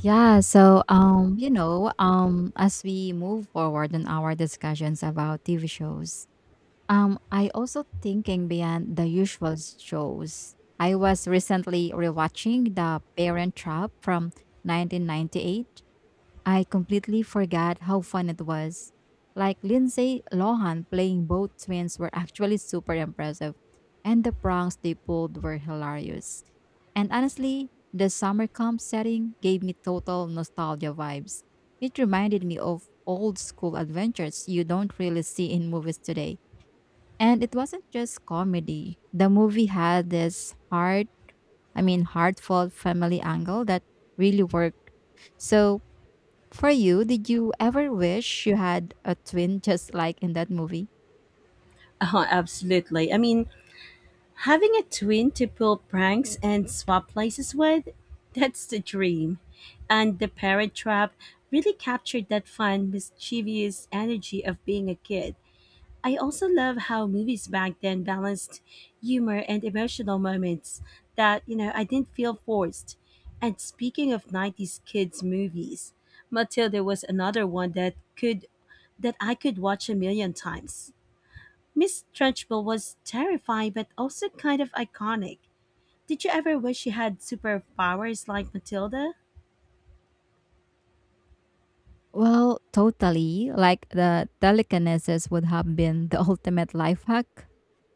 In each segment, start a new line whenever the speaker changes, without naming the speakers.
As we move forward in our discussions about TV shows, I also thinking beyond the usual shows. I was recently rewatching The Parent Trap from 1998. I completely forgot how fun it was. Like Lindsay Lohan playing both twins were actually super impressive, and the pranks they pulled were hilarious. And honestly, the summer camp setting gave me total nostalgia vibes. It reminded me of old school adventures you don't really see in movies today. And it wasn't just comedy. The movie had this hard, I mean, heartfelt family angle that really worked. So for you, did you ever wish you had a twin just like in that movie?
Oh, absolutely. I mean, having a twin to pull pranks and swap places with, that's the dream. And the parent trap really captured that fun, mischievous energy of being a kid. I also love how movies back then balanced humor and emotional moments that I didn't feel forced. And speaking of 90s kids movies, Matilda was another one that I could watch a million times. Miss Trunchbull was terrifying but also kind of iconic. Did you ever wish you had superpowers like Matilda?
Well, totally. Like the telekinesis would have been the ultimate life hack.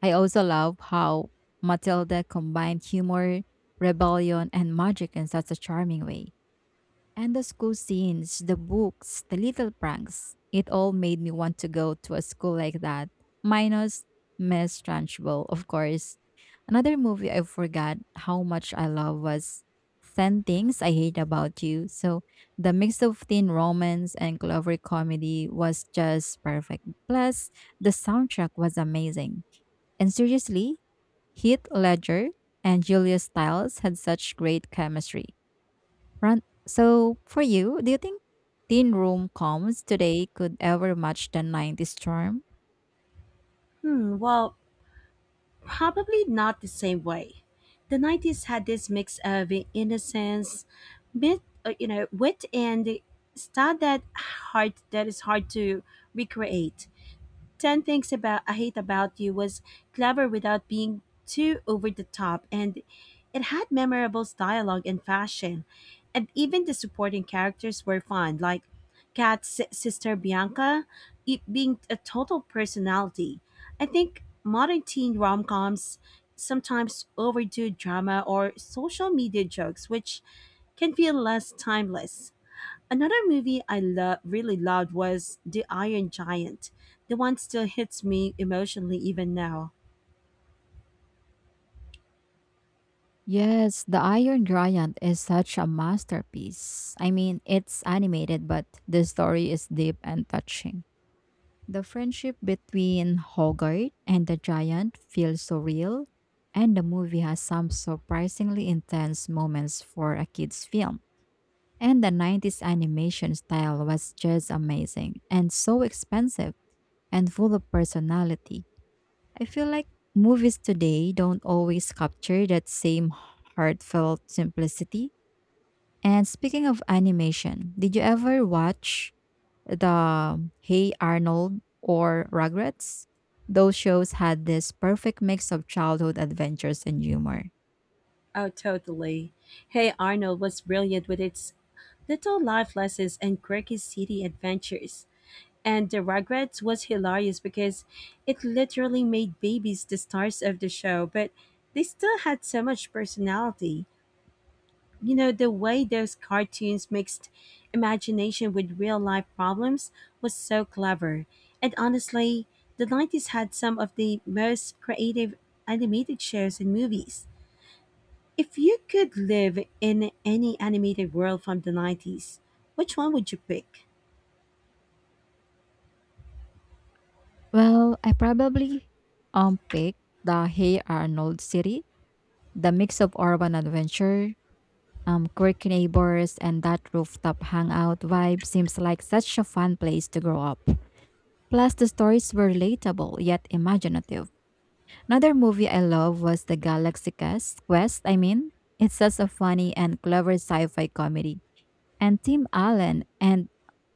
I also love how Matilda combined humor, rebellion, and magic in such a charming way. And the school scenes, the books, the little pranks, it all made me want to go to a school like that. Minus Miss Trunchbull, of course. Another movie I forgot how much I love was 10 Things I Hate About You. So the mix of teen romance and clever comedy was just perfect. Plus, the soundtrack was amazing. And seriously, Heath Ledger and Julia Stiles had such great chemistry. Run. So, for you, do you think teen room comes today could ever match the 90s charm?
Well, probably not the same way. The 90s had this mix of innocence, wit and stud that is hard to recreate. 10 Things About I Hate About You was clever without being too over the top, and it had memorable dialogue and fashion. And even the supporting characters were fun, like Kat's sister Bianca it being a total personality. I think modern teen rom coms sometimes overdo drama or social media jokes, which can feel less timeless. Another movie I really loved was The Iron Giant. The one still hits me emotionally even now.
Yes, The Iron Giant is such a masterpiece. I mean, it's animated, but the story is deep and touching. The friendship between Hogarth and the giant feels so real, and the movie has some surprisingly intense moments for a kid's film. And the 90s animation style was just amazing and so expensive. And full of personality. I feel like movies today don't always capture that same heartfelt simplicity. And speaking of animation, did you ever watch the Hey Arnold or Rugrats? Those shows had this perfect mix of childhood adventures and humor.
Oh, totally. Hey Arnold was brilliant with its little life lessons and quirky city adventures. And The Rugrats was hilarious because it literally made babies the stars of the show, but they still had so much personality. You know, the way those cartoons mixed imagination with real life problems was so clever. And honestly, the 90s had some of the most creative animated shows and movies. If you could live in any animated world from the 90s, which one would you pick?
Well, I probably picked the Hey Arnold series. The mix of urban adventure, quirky neighbors, and that rooftop hangout vibe seems like such a fun place to grow up. Plus, the stories were relatable yet imaginative. Another movie I love was The Galaxy Quest. Quest, I mean, it's such a funny and clever sci-fi comedy and Tim Allen and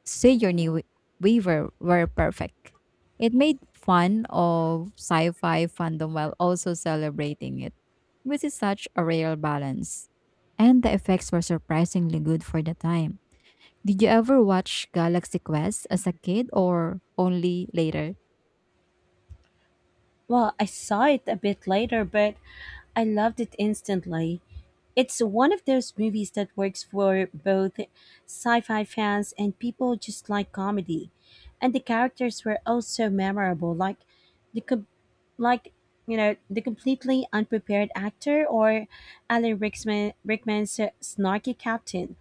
Sigourney Wea- Weaver were perfect. It made fun of sci-fi fandom while also celebrating it, which is such a rare balance. And the effects were surprisingly good for the time. Did you ever watch Galaxy Quest as a kid or only later?
Well, I saw it a bit later, but I loved it instantly. It's one of those movies that works for both sci fi fans and people who just like comedy. And the characters were also memorable, like the, com- like, you know, the completely unprepared actor, or Alan Rickman's snarky captain.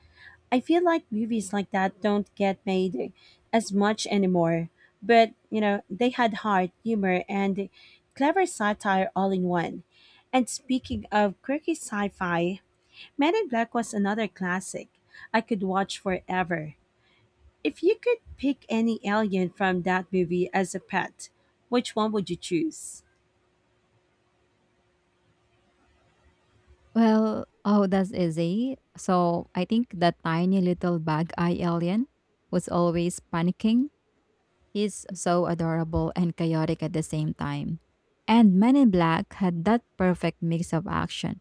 I feel like movies like that don't get made as much anymore. But, you know, they had heart, humor, and clever satire all in one. And speaking of quirky sci fi, Men in Black was another classic I could watch forever. If you could pick any alien from that movie as a pet, which one would you choose?
Well, oh, that's easy. So I think that tiny little bug eye alien was always panicking. He's so adorable and chaotic at the same time. And Men in Black had that perfect mix of action,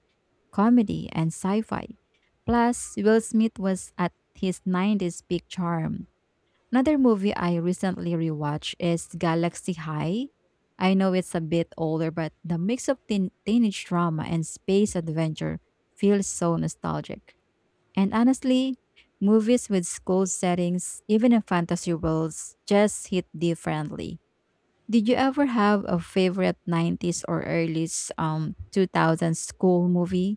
comedy, and sci fi. Plus, Will Smith was at his 90s peak charm. Another movie I recently rewatched is Galaxy High. I know it's a bit older, but the mix of teenage drama and space adventure feels so nostalgic. And honestly, movies with school settings, even in fantasy worlds, just hit differently. Did you ever have a favorite 90s or early 2000s school movie?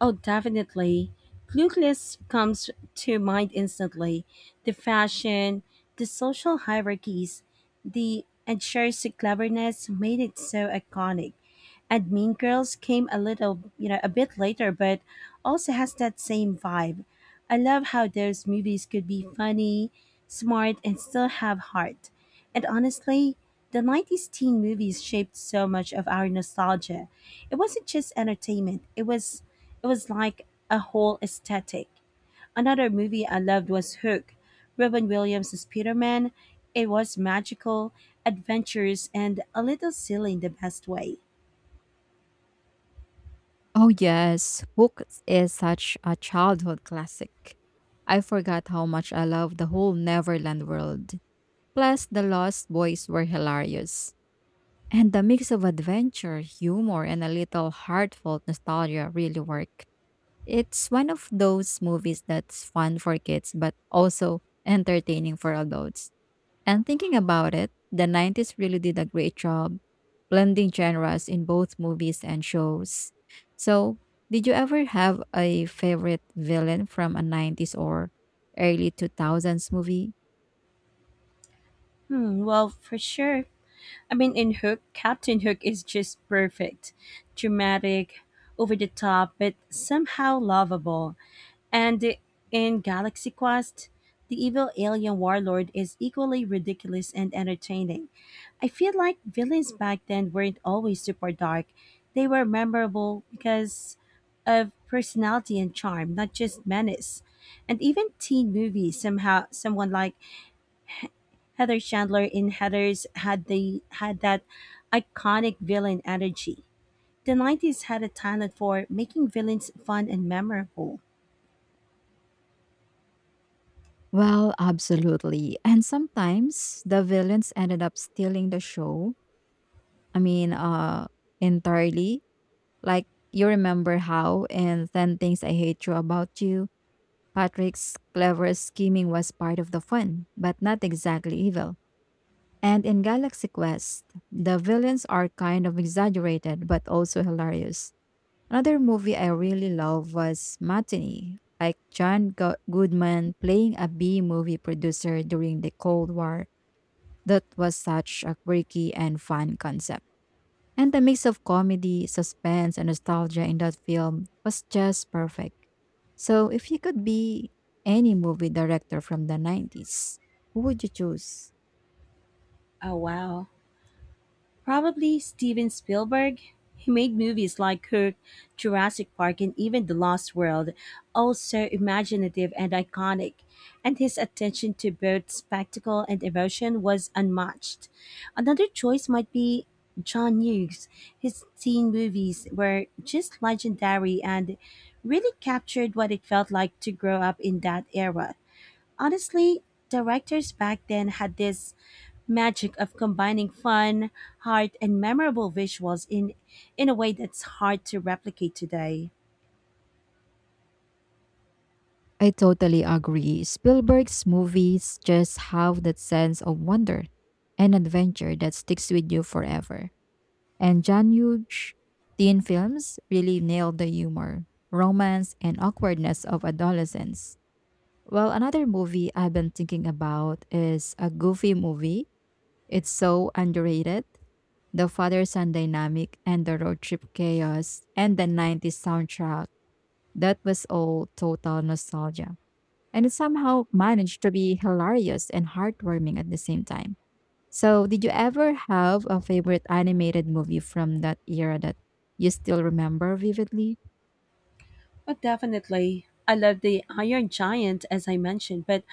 Oh, definitely. Clueless comes to mind instantly. The fashion, the social hierarchies, the Edgar's cleverness made it so iconic. And Mean Girls came a little a bit later, but also has that same vibe. I love how those movies could be funny, smart, and still have heart. And honestly, the 90s teen movies shaped so much of our nostalgia. It wasn't just entertainment, it was like a whole aesthetic. Another movie I loved was Hook, Robin Williams' as Peter Man. It was magical, adventurous, and a little silly in the best way.
Oh yes, Hook is such a childhood classic. I forgot how much I loved the whole Neverland world. Plus, the Lost Boys were hilarious. And the mix of adventure, humor, and a little heartfelt nostalgia really worked. It's one of those movies that's fun for kids but also entertaining for adults. And thinking about it, the 90s really did a great job blending genres in both movies and shows. So, did you ever have a favorite villain from a 90s or early 2000s movie?
Well, for sure. I mean, in Hook, Captain Hook is just perfect. Dramatic, over the top, but somehow lovable. And in Galaxy Quest, the evil alien warlord is equally ridiculous and entertaining. I feel like villains back then weren't always super dark. They were memorable because of personality and charm, not just menace. And even teen movies somehow someone like Heather Chandler in Heathers had that iconic villain energy. The 90s had a talent for making villains fun and memorable.
Well, absolutely. And sometimes the villains ended up stealing the show. I mean, entirely. Like you remember how and then things I hate you about you. Patrick's clever scheming was part of the fun, but not exactly evil. And in Galaxy Quest, the villains are kind of exaggerated but also hilarious. Another movie I really love was Matinee, like Goodman playing a B movie producer during the Cold War. That was such a quirky and fun concept. And the mix of comedy, suspense, and nostalgia in that film was just perfect. So, if you could be any movie director from the 90s, who would you choose?
Oh wow. Probably Steven Spielberg. He made movies like Kirk, Jurassic Park, and even The Lost World, all so imaginative and iconic, and his attention to both spectacle and emotion was unmatched. Another choice might be John Hughes. His teen movies were just legendary and really captured what it felt like to grow up in that era. Honestly, directors back then had this magic of combining fun, heart, and memorable visuals in a way that's hard to replicate today.
I totally agree. Spielberg's movies just have that sense of wonder and adventure that sticks with you forever. And John Hughes' teen films really nailed the humor, romance, and awkwardness of adolescence. Well, another movie I've been thinking about is a goofy movie. It's so underrated. The father son dynamic and the road trip chaos and the 90s soundtrack. That was all total nostalgia. And it somehow managed to be hilarious and heartwarming at the same time. So, did you ever have a favorite animated movie from that era that you still remember vividly?
But definitely, I love the Iron Giant as I mentioned, but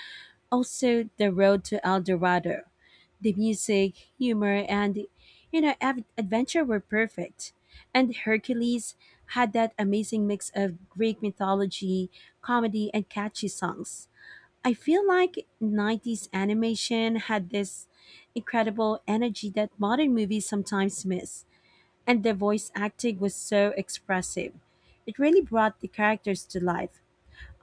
also the road to El Dorado. The music, humor, and adventure were perfect. And Hercules had that amazing mix of Greek mythology, comedy, and catchy songs. I feel like 90s animation had this incredible energy that modern movies sometimes miss, and the voice acting was so expressive. It really brought the characters to life.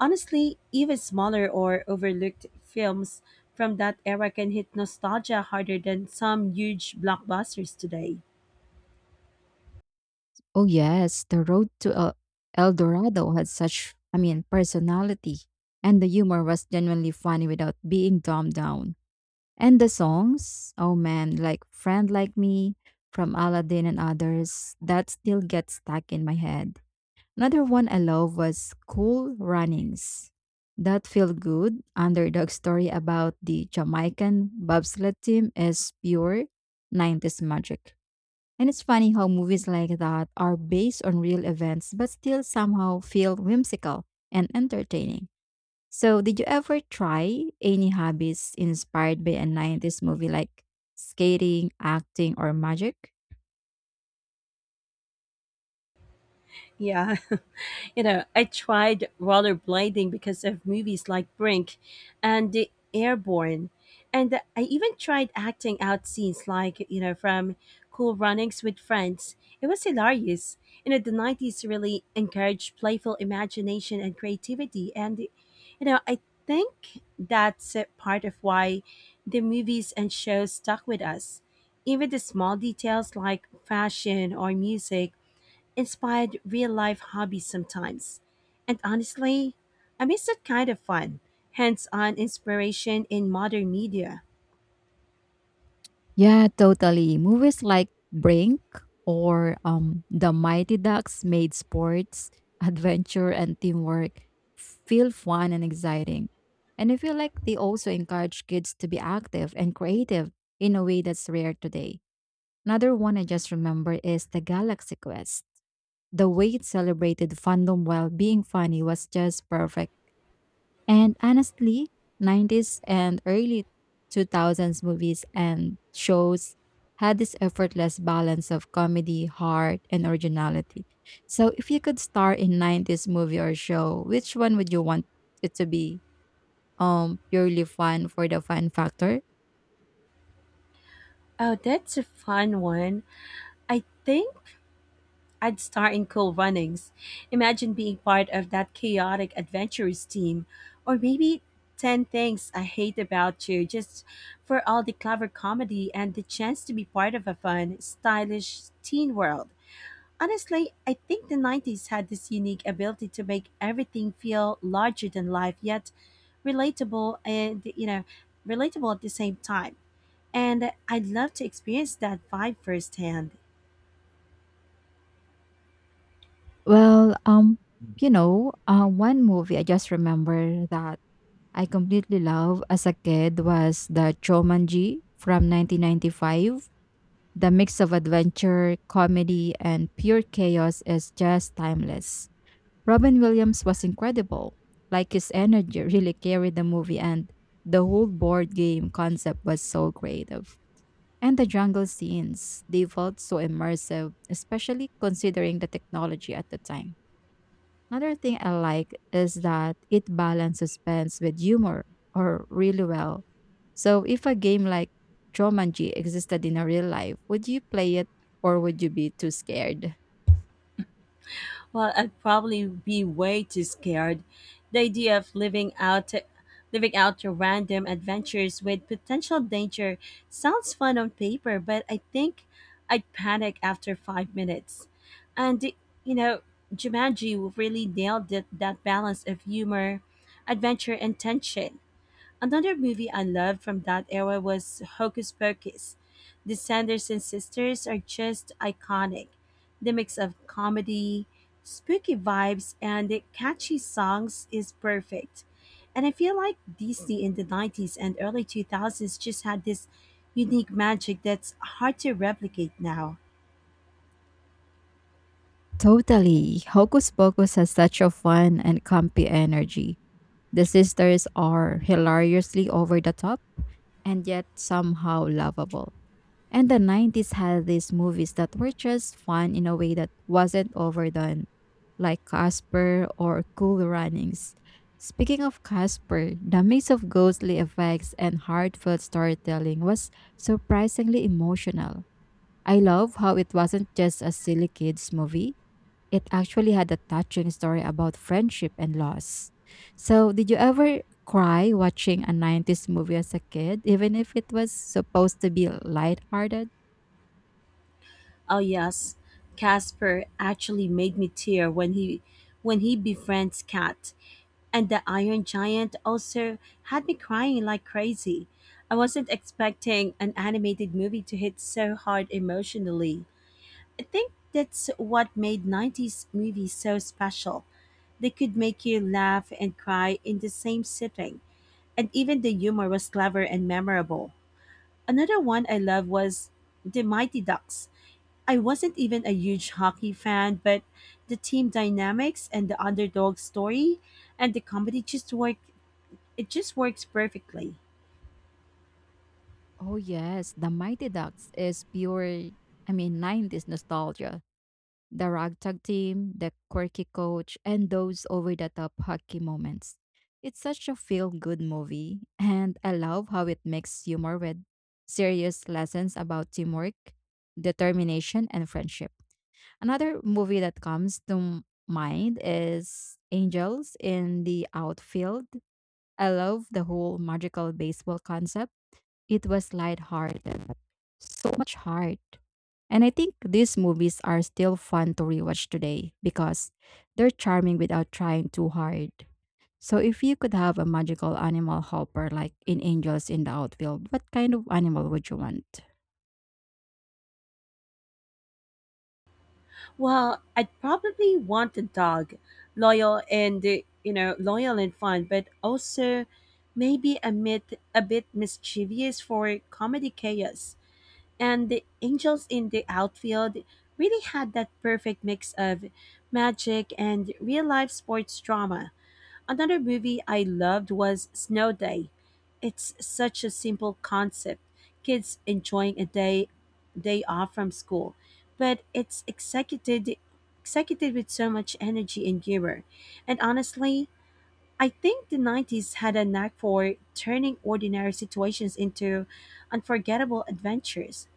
Honestly, even smaller or overlooked films from that era can hit nostalgia harder than some huge blockbusters today.
Oh, yes, the road to El Dorado had such, I mean, personality. And the humor was genuinely funny without being dumbed down. And the songs, oh man, like Friend Like Me from Aladdin and others, that still gets stuck in my head. Another one I love was Cool Runnings. That feel good underdog story about the Jamaican bobsled team is pure 90s magic. And it's funny how movies like that are based on real events but still somehow feel whimsical and entertaining. So, did you ever try any hobbies inspired by a 90s movie like skating, acting, or magic?
Yeah. You know, I tried rollerblading because of movies like Brink and The Airborne. And I even tried acting out scenes like, you know, from Cool Runnings with Friends. It was hilarious. You know, the 90s really encouraged playful imagination and creativity. And, you know, I think that's a part of why the movies and shows stuck with us. Even the small details like fashion or music inspired real life hobbies sometimes. And honestly, I miss that kind of fun, hands on inspiration in modern media.
Yeah, totally. Movies like Brink or The Mighty Ducks made sports, adventure, and teamwork feel fun and exciting. And I feel like they also encourage kids to be active and creative in a way that's rare today. Another one I just remember is The Galaxy Quest. The way it celebrated fandom while being funny was just perfect and honestly, 90s and early 2000s movies and shows had this effortless balance of comedy, heart, and originality. So if you could star in 90s movie or show, which one would you want it to be? Purely fun for the fun factor?
Oh, that's a fun one. I think I'd start in Cool Runnings. Imagine being part of that chaotic adventurous team, or maybe 10 Things I Hate About You, just for all the clever comedy and the chance to be part of a fun, stylish teen world. Honestly, I think the 90s had this unique ability to make everything feel larger than life, yet relatable and, you know, relatable at the same time. And I'd love to experience that vibe firsthand.
Well, um one movie I just remember that I completely love as a kid was the Chomanji from 1995. The mix of adventure, comedy, and pure chaos is just timeless. Robin Williams was incredible. Like his energy really carried the movie, and the whole board game concept was so creative. And the jungle scenes, they felt so immersive, especially considering the technology at the time. Another thing I like is that it balances suspense with humor or really well. So if a game like Jumanji existed in a real life, would you play it or would you be too scared?
Well, I'd probably be way too scared. The idea of living out your random adventures with potential danger sounds fun on paper, but I think I'd panic after 5 minutes. And you know, Jumanji really nailed it, that balance of humor, adventure, and tension. Another movie I loved from that era was Hocus Pocus. The Sanderson sisters are just iconic. The mix of comedy, spooky vibes, and the catchy songs is perfect. And I feel like Disney in the 90s and early 2000s just had this unique magic that's hard to replicate now.
Totally. Hocus Pocus has such a fun and campy energy. The sisters are hilariously over the top and yet somehow lovable. And the 90s had these movies that were just fun in a way that wasn't overdone, like Casper or Cool Runnings. Speaking of Casper, the mix of ghostly effects and heartfelt storytelling was surprisingly emotional. I love how it wasn't just a silly kids movie. It actually had a touching story about friendship and loss. So, did you ever cry watching a 90s movie as a kid, even if it was supposed to be lighthearted?
Oh yes, Casper actually made me tear when he befriends Cat. And the Iron Giant also had me crying like crazy. I wasn't expecting an animated movie to hit so hard emotionally. I think that's what made 90s movies so special. They could make you laugh and cry in the same sitting, and even the humor was clever and memorable. Another one I love was The Mighty Ducks. I wasn't even a huge hockey fan, but the team dynamics and the underdog story and the comedy just worked. It just works perfectly.
Oh yes, The Mighty Ducks is pure, I mean, 90s nostalgia. The ragtag team, the quirky coach, and those over-the-top hockey moments. It's such a feel-good movie, and I love how it makes humor with serious lessons about teamwork, determination, and friendship. Another movie that comes to mind is Angels in the Outfield. I love the whole magical baseball concept. It was lighthearted so much heart. And I think these movies are still fun to rewatch today because they're charming without trying too hard. So if you could have a magical animal helper like in Angels in the Outfield, what kind of animal would you want?
Well, I'd probably want a dog, loyal and uh, loyal and fun, but also maybe a bit mischievous for comedy chaos. And the angels in the outfield really had that perfect mix of magic and real life sports drama. Another movie I loved was Snow Day. It's such a simple concept. Kids enjoying a day off from school, but it's executed with so much energy and humor. And honestly, I think the 90s had a knack for turning ordinary situations into unforgettable adventures.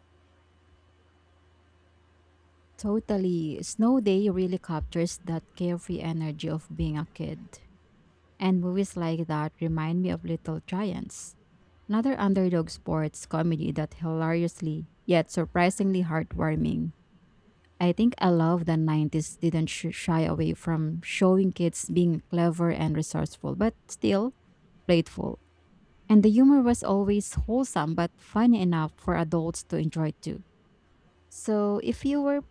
Totally. Snow Day really captures that carefree energy of being a kid. And movies like that remind me of Little Giants, another underdog sports comedy that hilariously yet surprisingly heartwarming. I think I love the 90s didn't shy away from showing kids being clever and resourceful, but still playful. And the humor was always wholesome but funny enough for adults to enjoy too. So, if you were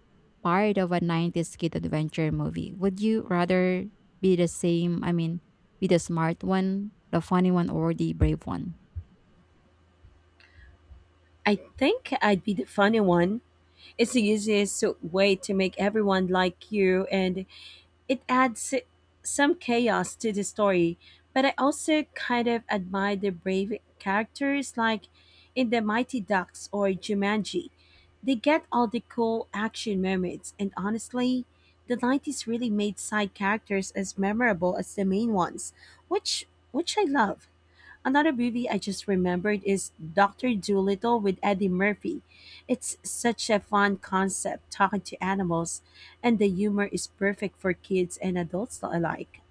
part of a 90s kid adventure movie, would you rather be the same? I mean, be the smart one, the funny one, or the brave one?
I think I'd be the funny one. It's the easiest way to make everyone like you, and it adds some chaos to the story, but I also kind of admire the brave characters like in The Mighty Ducks or Jumanji. They get all the cool action moments, and honestly, the 90s really made side characters as memorable as the main ones, which which I love. Another movie I just remembered is Doctor Dolittle with Eddie Murphy. It's such a fun concept talking to animals, and the humor is perfect for kids and adults alike.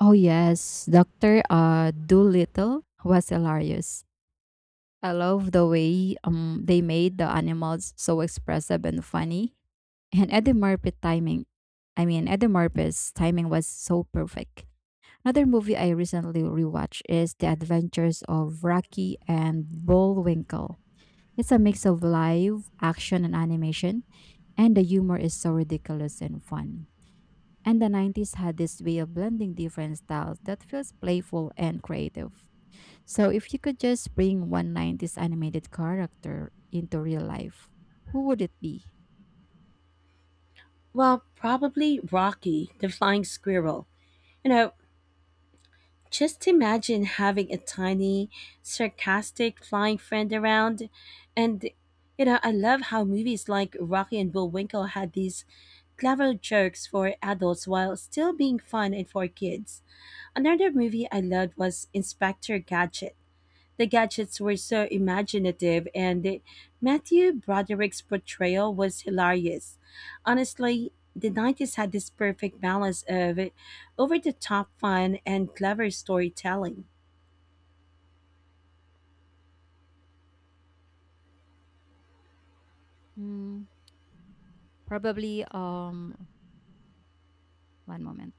Oh, yes. Dr. Doolittle was hilarious. I love the way they made the animals so expressive and funny. And Eddie Murphy timing, I mean, Eddie Murphy's timing was so perfect. Another movie I recently rewatched is The Adventures of Rocky and Bullwinkle. It's a mix of live action and animation, and the humor is so ridiculous and fun. And the 90s had this way of blending different styles that feels playful and creative. So, if you could just bring one 90s animated character into real life, who would it be?
Well, probably Rocky, the flying squirrel. You know, just imagine having a tiny, sarcastic flying friend around. And, you know, I love how movies like Rocky and Bullwinkle had these clever jokes for adults while still being fun and for kids. Another movie I loved was Inspector Gadget. The gadgets were so imaginative, and Matthew Broderick's portrayal was hilarious. Honestly, the 90s had this perfect balance of over the top fun and clever storytelling.
Hmm, probably, one moment.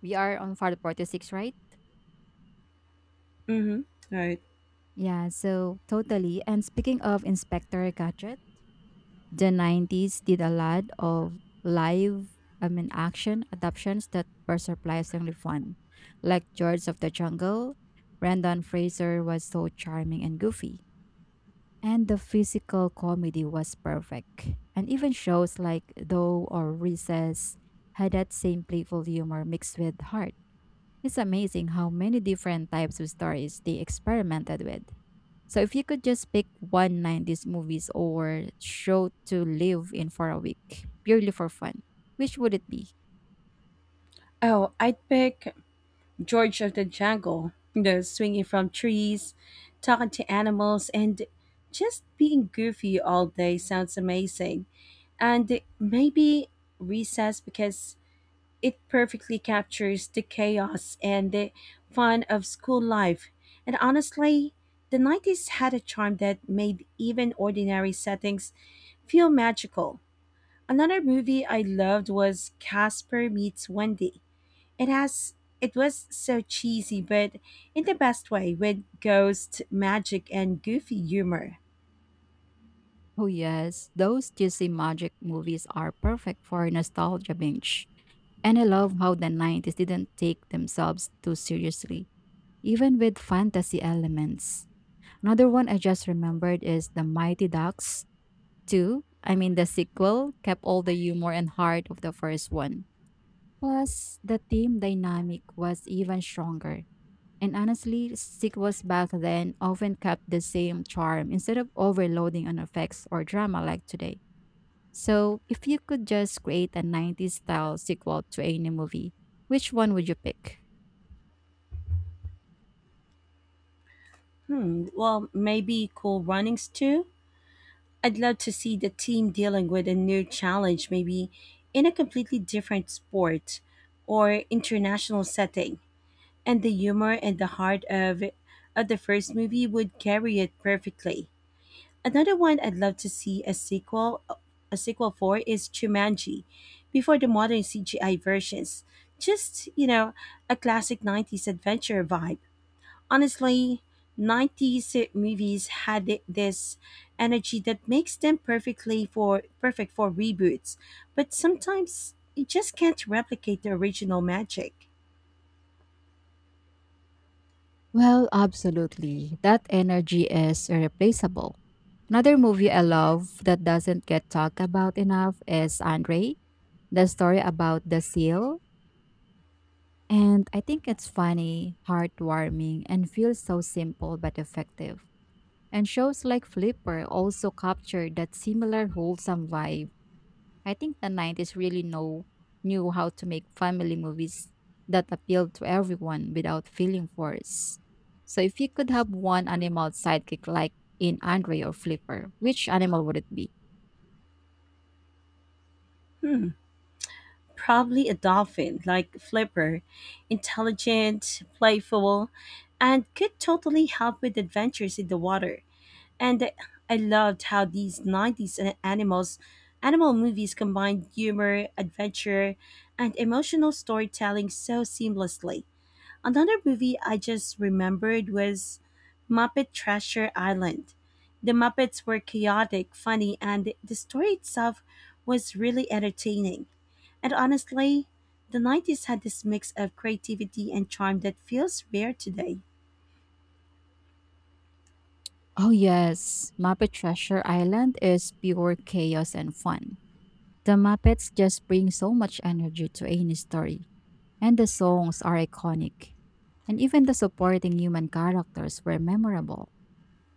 We are on Far 46, right?
Mm-hmm. Right.
Yeah, so totally. And speaking of Inspector Gadget, the 90s did a lot of action adaptations that were surprisingly fun, like George of the Jungle. Brendan Fraser was so charming and goofy, and the physical comedy was perfect. And even shows like Though or Recess had that same playful humor mixed with heart. It's amazing how many different types of stories they experimented with. So if you could just pick one nineties movies or show to live in for a week, purely for fun, which would it be?
Oh, I'd pick George of the Jungle, you know, swinging from trees, talking to animals, and just being goofy all day sounds amazing. And maybe Recess, because it perfectly captures the chaos and the fun of school life. And honestly, the 90s had a charm that made even ordinary settings feel magical. Another movie I loved was Casper Meets Wendy. It has it was so cheesy, but in the best way, with ghost magic and goofy humor.
Oh yes, those juicy magic movies are perfect for nostalgia binge. And I love how the 90s didn't take themselves too seriously, even with fantasy elements. Another one I just remembered is The Mighty Ducks 2. I mean, the sequel kept all the humor and heart of the first one. Plus, the team dynamic was even stronger. And honestly, sequels back then often kept the same charm instead of overloading on effects or drama like today. So, if you could just create a 90s style sequel to any movie, which one would you pick?
Well, maybe cool runnings too. I'd love to see the team dealing with a new challenge, maybe in a completely different sport or international setting. And the humor and the heart of the first movie would carry it perfectly. Another one I'd love to see a sequel for is Jumanji, before the modern CGI versions. Just, you know, a classic 90s adventure vibe. Honestly, 90s movies had this energy that makes them perfect for reboots, but sometimes you just can't replicate the original magic.
Well, absolutely. That energy is irreplaceable. Another movie I love that doesn't get talked about enough is Andre, the story about the seal. And I think it's funny, heartwarming, and feels so simple but effective. And shows like Flipper also captured that similar wholesome vibe. I think the 90s knew how to make family movies that appealed to everyone without feeling forced. So if you could have one animal sidekick like in Andre or Flipper, which animal would it be?
Hmm. Probably a dolphin like Flipper, intelligent, playful, and could totally help with adventures in the water. And I loved how these 90s animal movies combined humor, adventure, and emotional storytelling so seamlessly. Another movie I just remembered was Muppet Treasure Island. The Muppets were chaotic, funny, and the story itself was really entertaining. And honestly, the 90s had this mix of creativity and charm that feels rare today.
Oh yes, Muppet Treasure Island is pure chaos and fun. The Muppets just bring so much energy to any story. And the songs are iconic. And even the supporting human characters were memorable.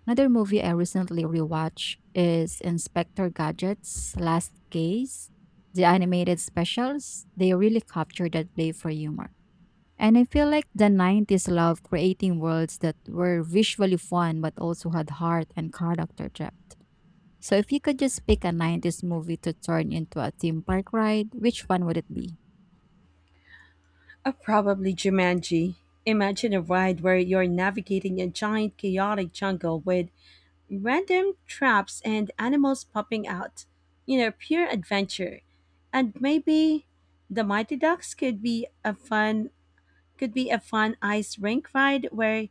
Another movie I recently rewatched is Inspector Gadget's Last Case. The animated specials, they really capture that play for humor. And I feel like the 90s loved creating worlds that were visually fun but also had heart and character depth. So if you could just pick a 90s movie to turn into a theme park ride, which one would it be?
Or probably Jumanji. Imagine a ride where you're navigating a giant chaotic jungle with random traps and animals popping out. You know, pure adventure. And maybe the Mighty Ducks could be a fun ice rink ride where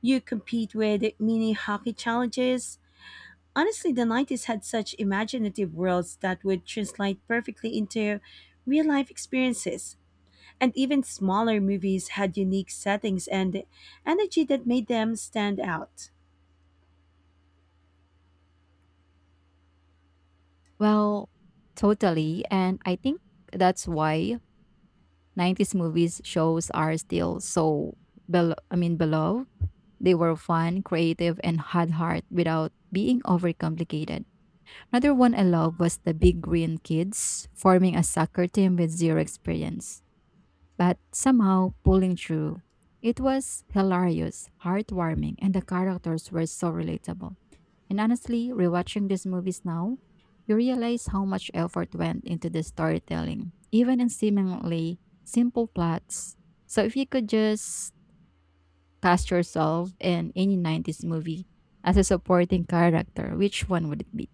you compete with mini hockey challenges. Honestly, the 90s had such imaginative worlds that would translate perfectly into real life experiences. And even smaller movies had unique settings and energy that made them stand out.
Well, totally. And I think that's why 90s movies shows are still so beloved. They were fun, creative, and had heart without being overcomplicated. Another one I love was the Big Green Kids forming a soccer team with zero experience, but somehow pulling through. It was hilarious, heartwarming, and the characters were so relatable. And honestly, rewatching these movies now, you realize how much effort went into the storytelling, even in seemingly simple plots. So if you could just cast yourself in any 90s movie as a supporting character, which one would it be?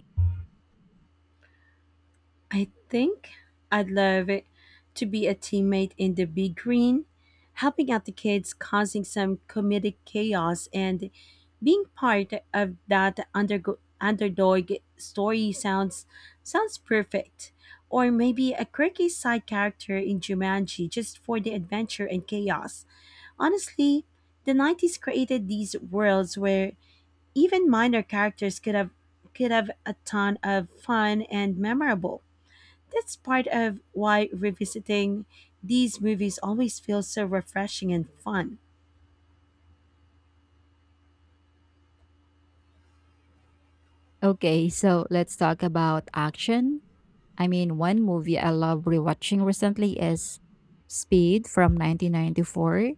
I think I'd love it to be a teammate in the big green, helping out the kids, causing some comedic chaos, and being part of that underdog story sounds sounds perfect. Or maybe a quirky side character in Jumanji just for the adventure and chaos. Honestly, the 90s created these worlds where even minor characters could have a ton of fun and memorable. That's part of why revisiting these movies always feels so refreshing and fun.
Okay, so let's talk about action. I mean, one movie I love rewatching recently is Speed from 1994.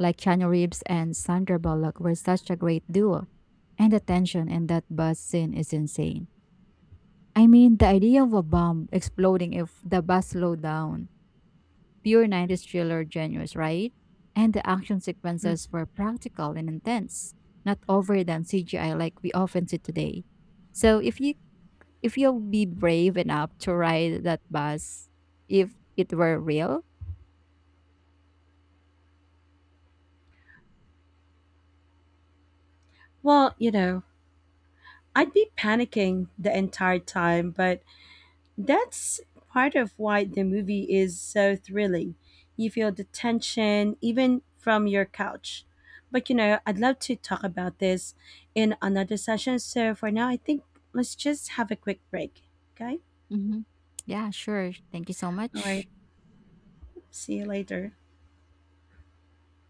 Like Keanu Reeves and Sandra Bullock were such a great duo. And the tension in that bus scene is insane. I mean, the idea of a bomb exploding if the bus slowed down. Pure 90s thriller genius, right? And the action
Mm.
sequences were practical and intense, not overdone CGI like we often see today. So if you'll be brave enough to ride that bus if it were real,
Well, you know, I'd be panicking the entire time, but that's part of why the movie is so thrilling. You feel the tension even from your couch. But you know, I'd love to talk about this in another session. So for now, I think let's just have a quick break. Okay?
hmm, yeah, sure. Thank you so
All right.
much.
See you later.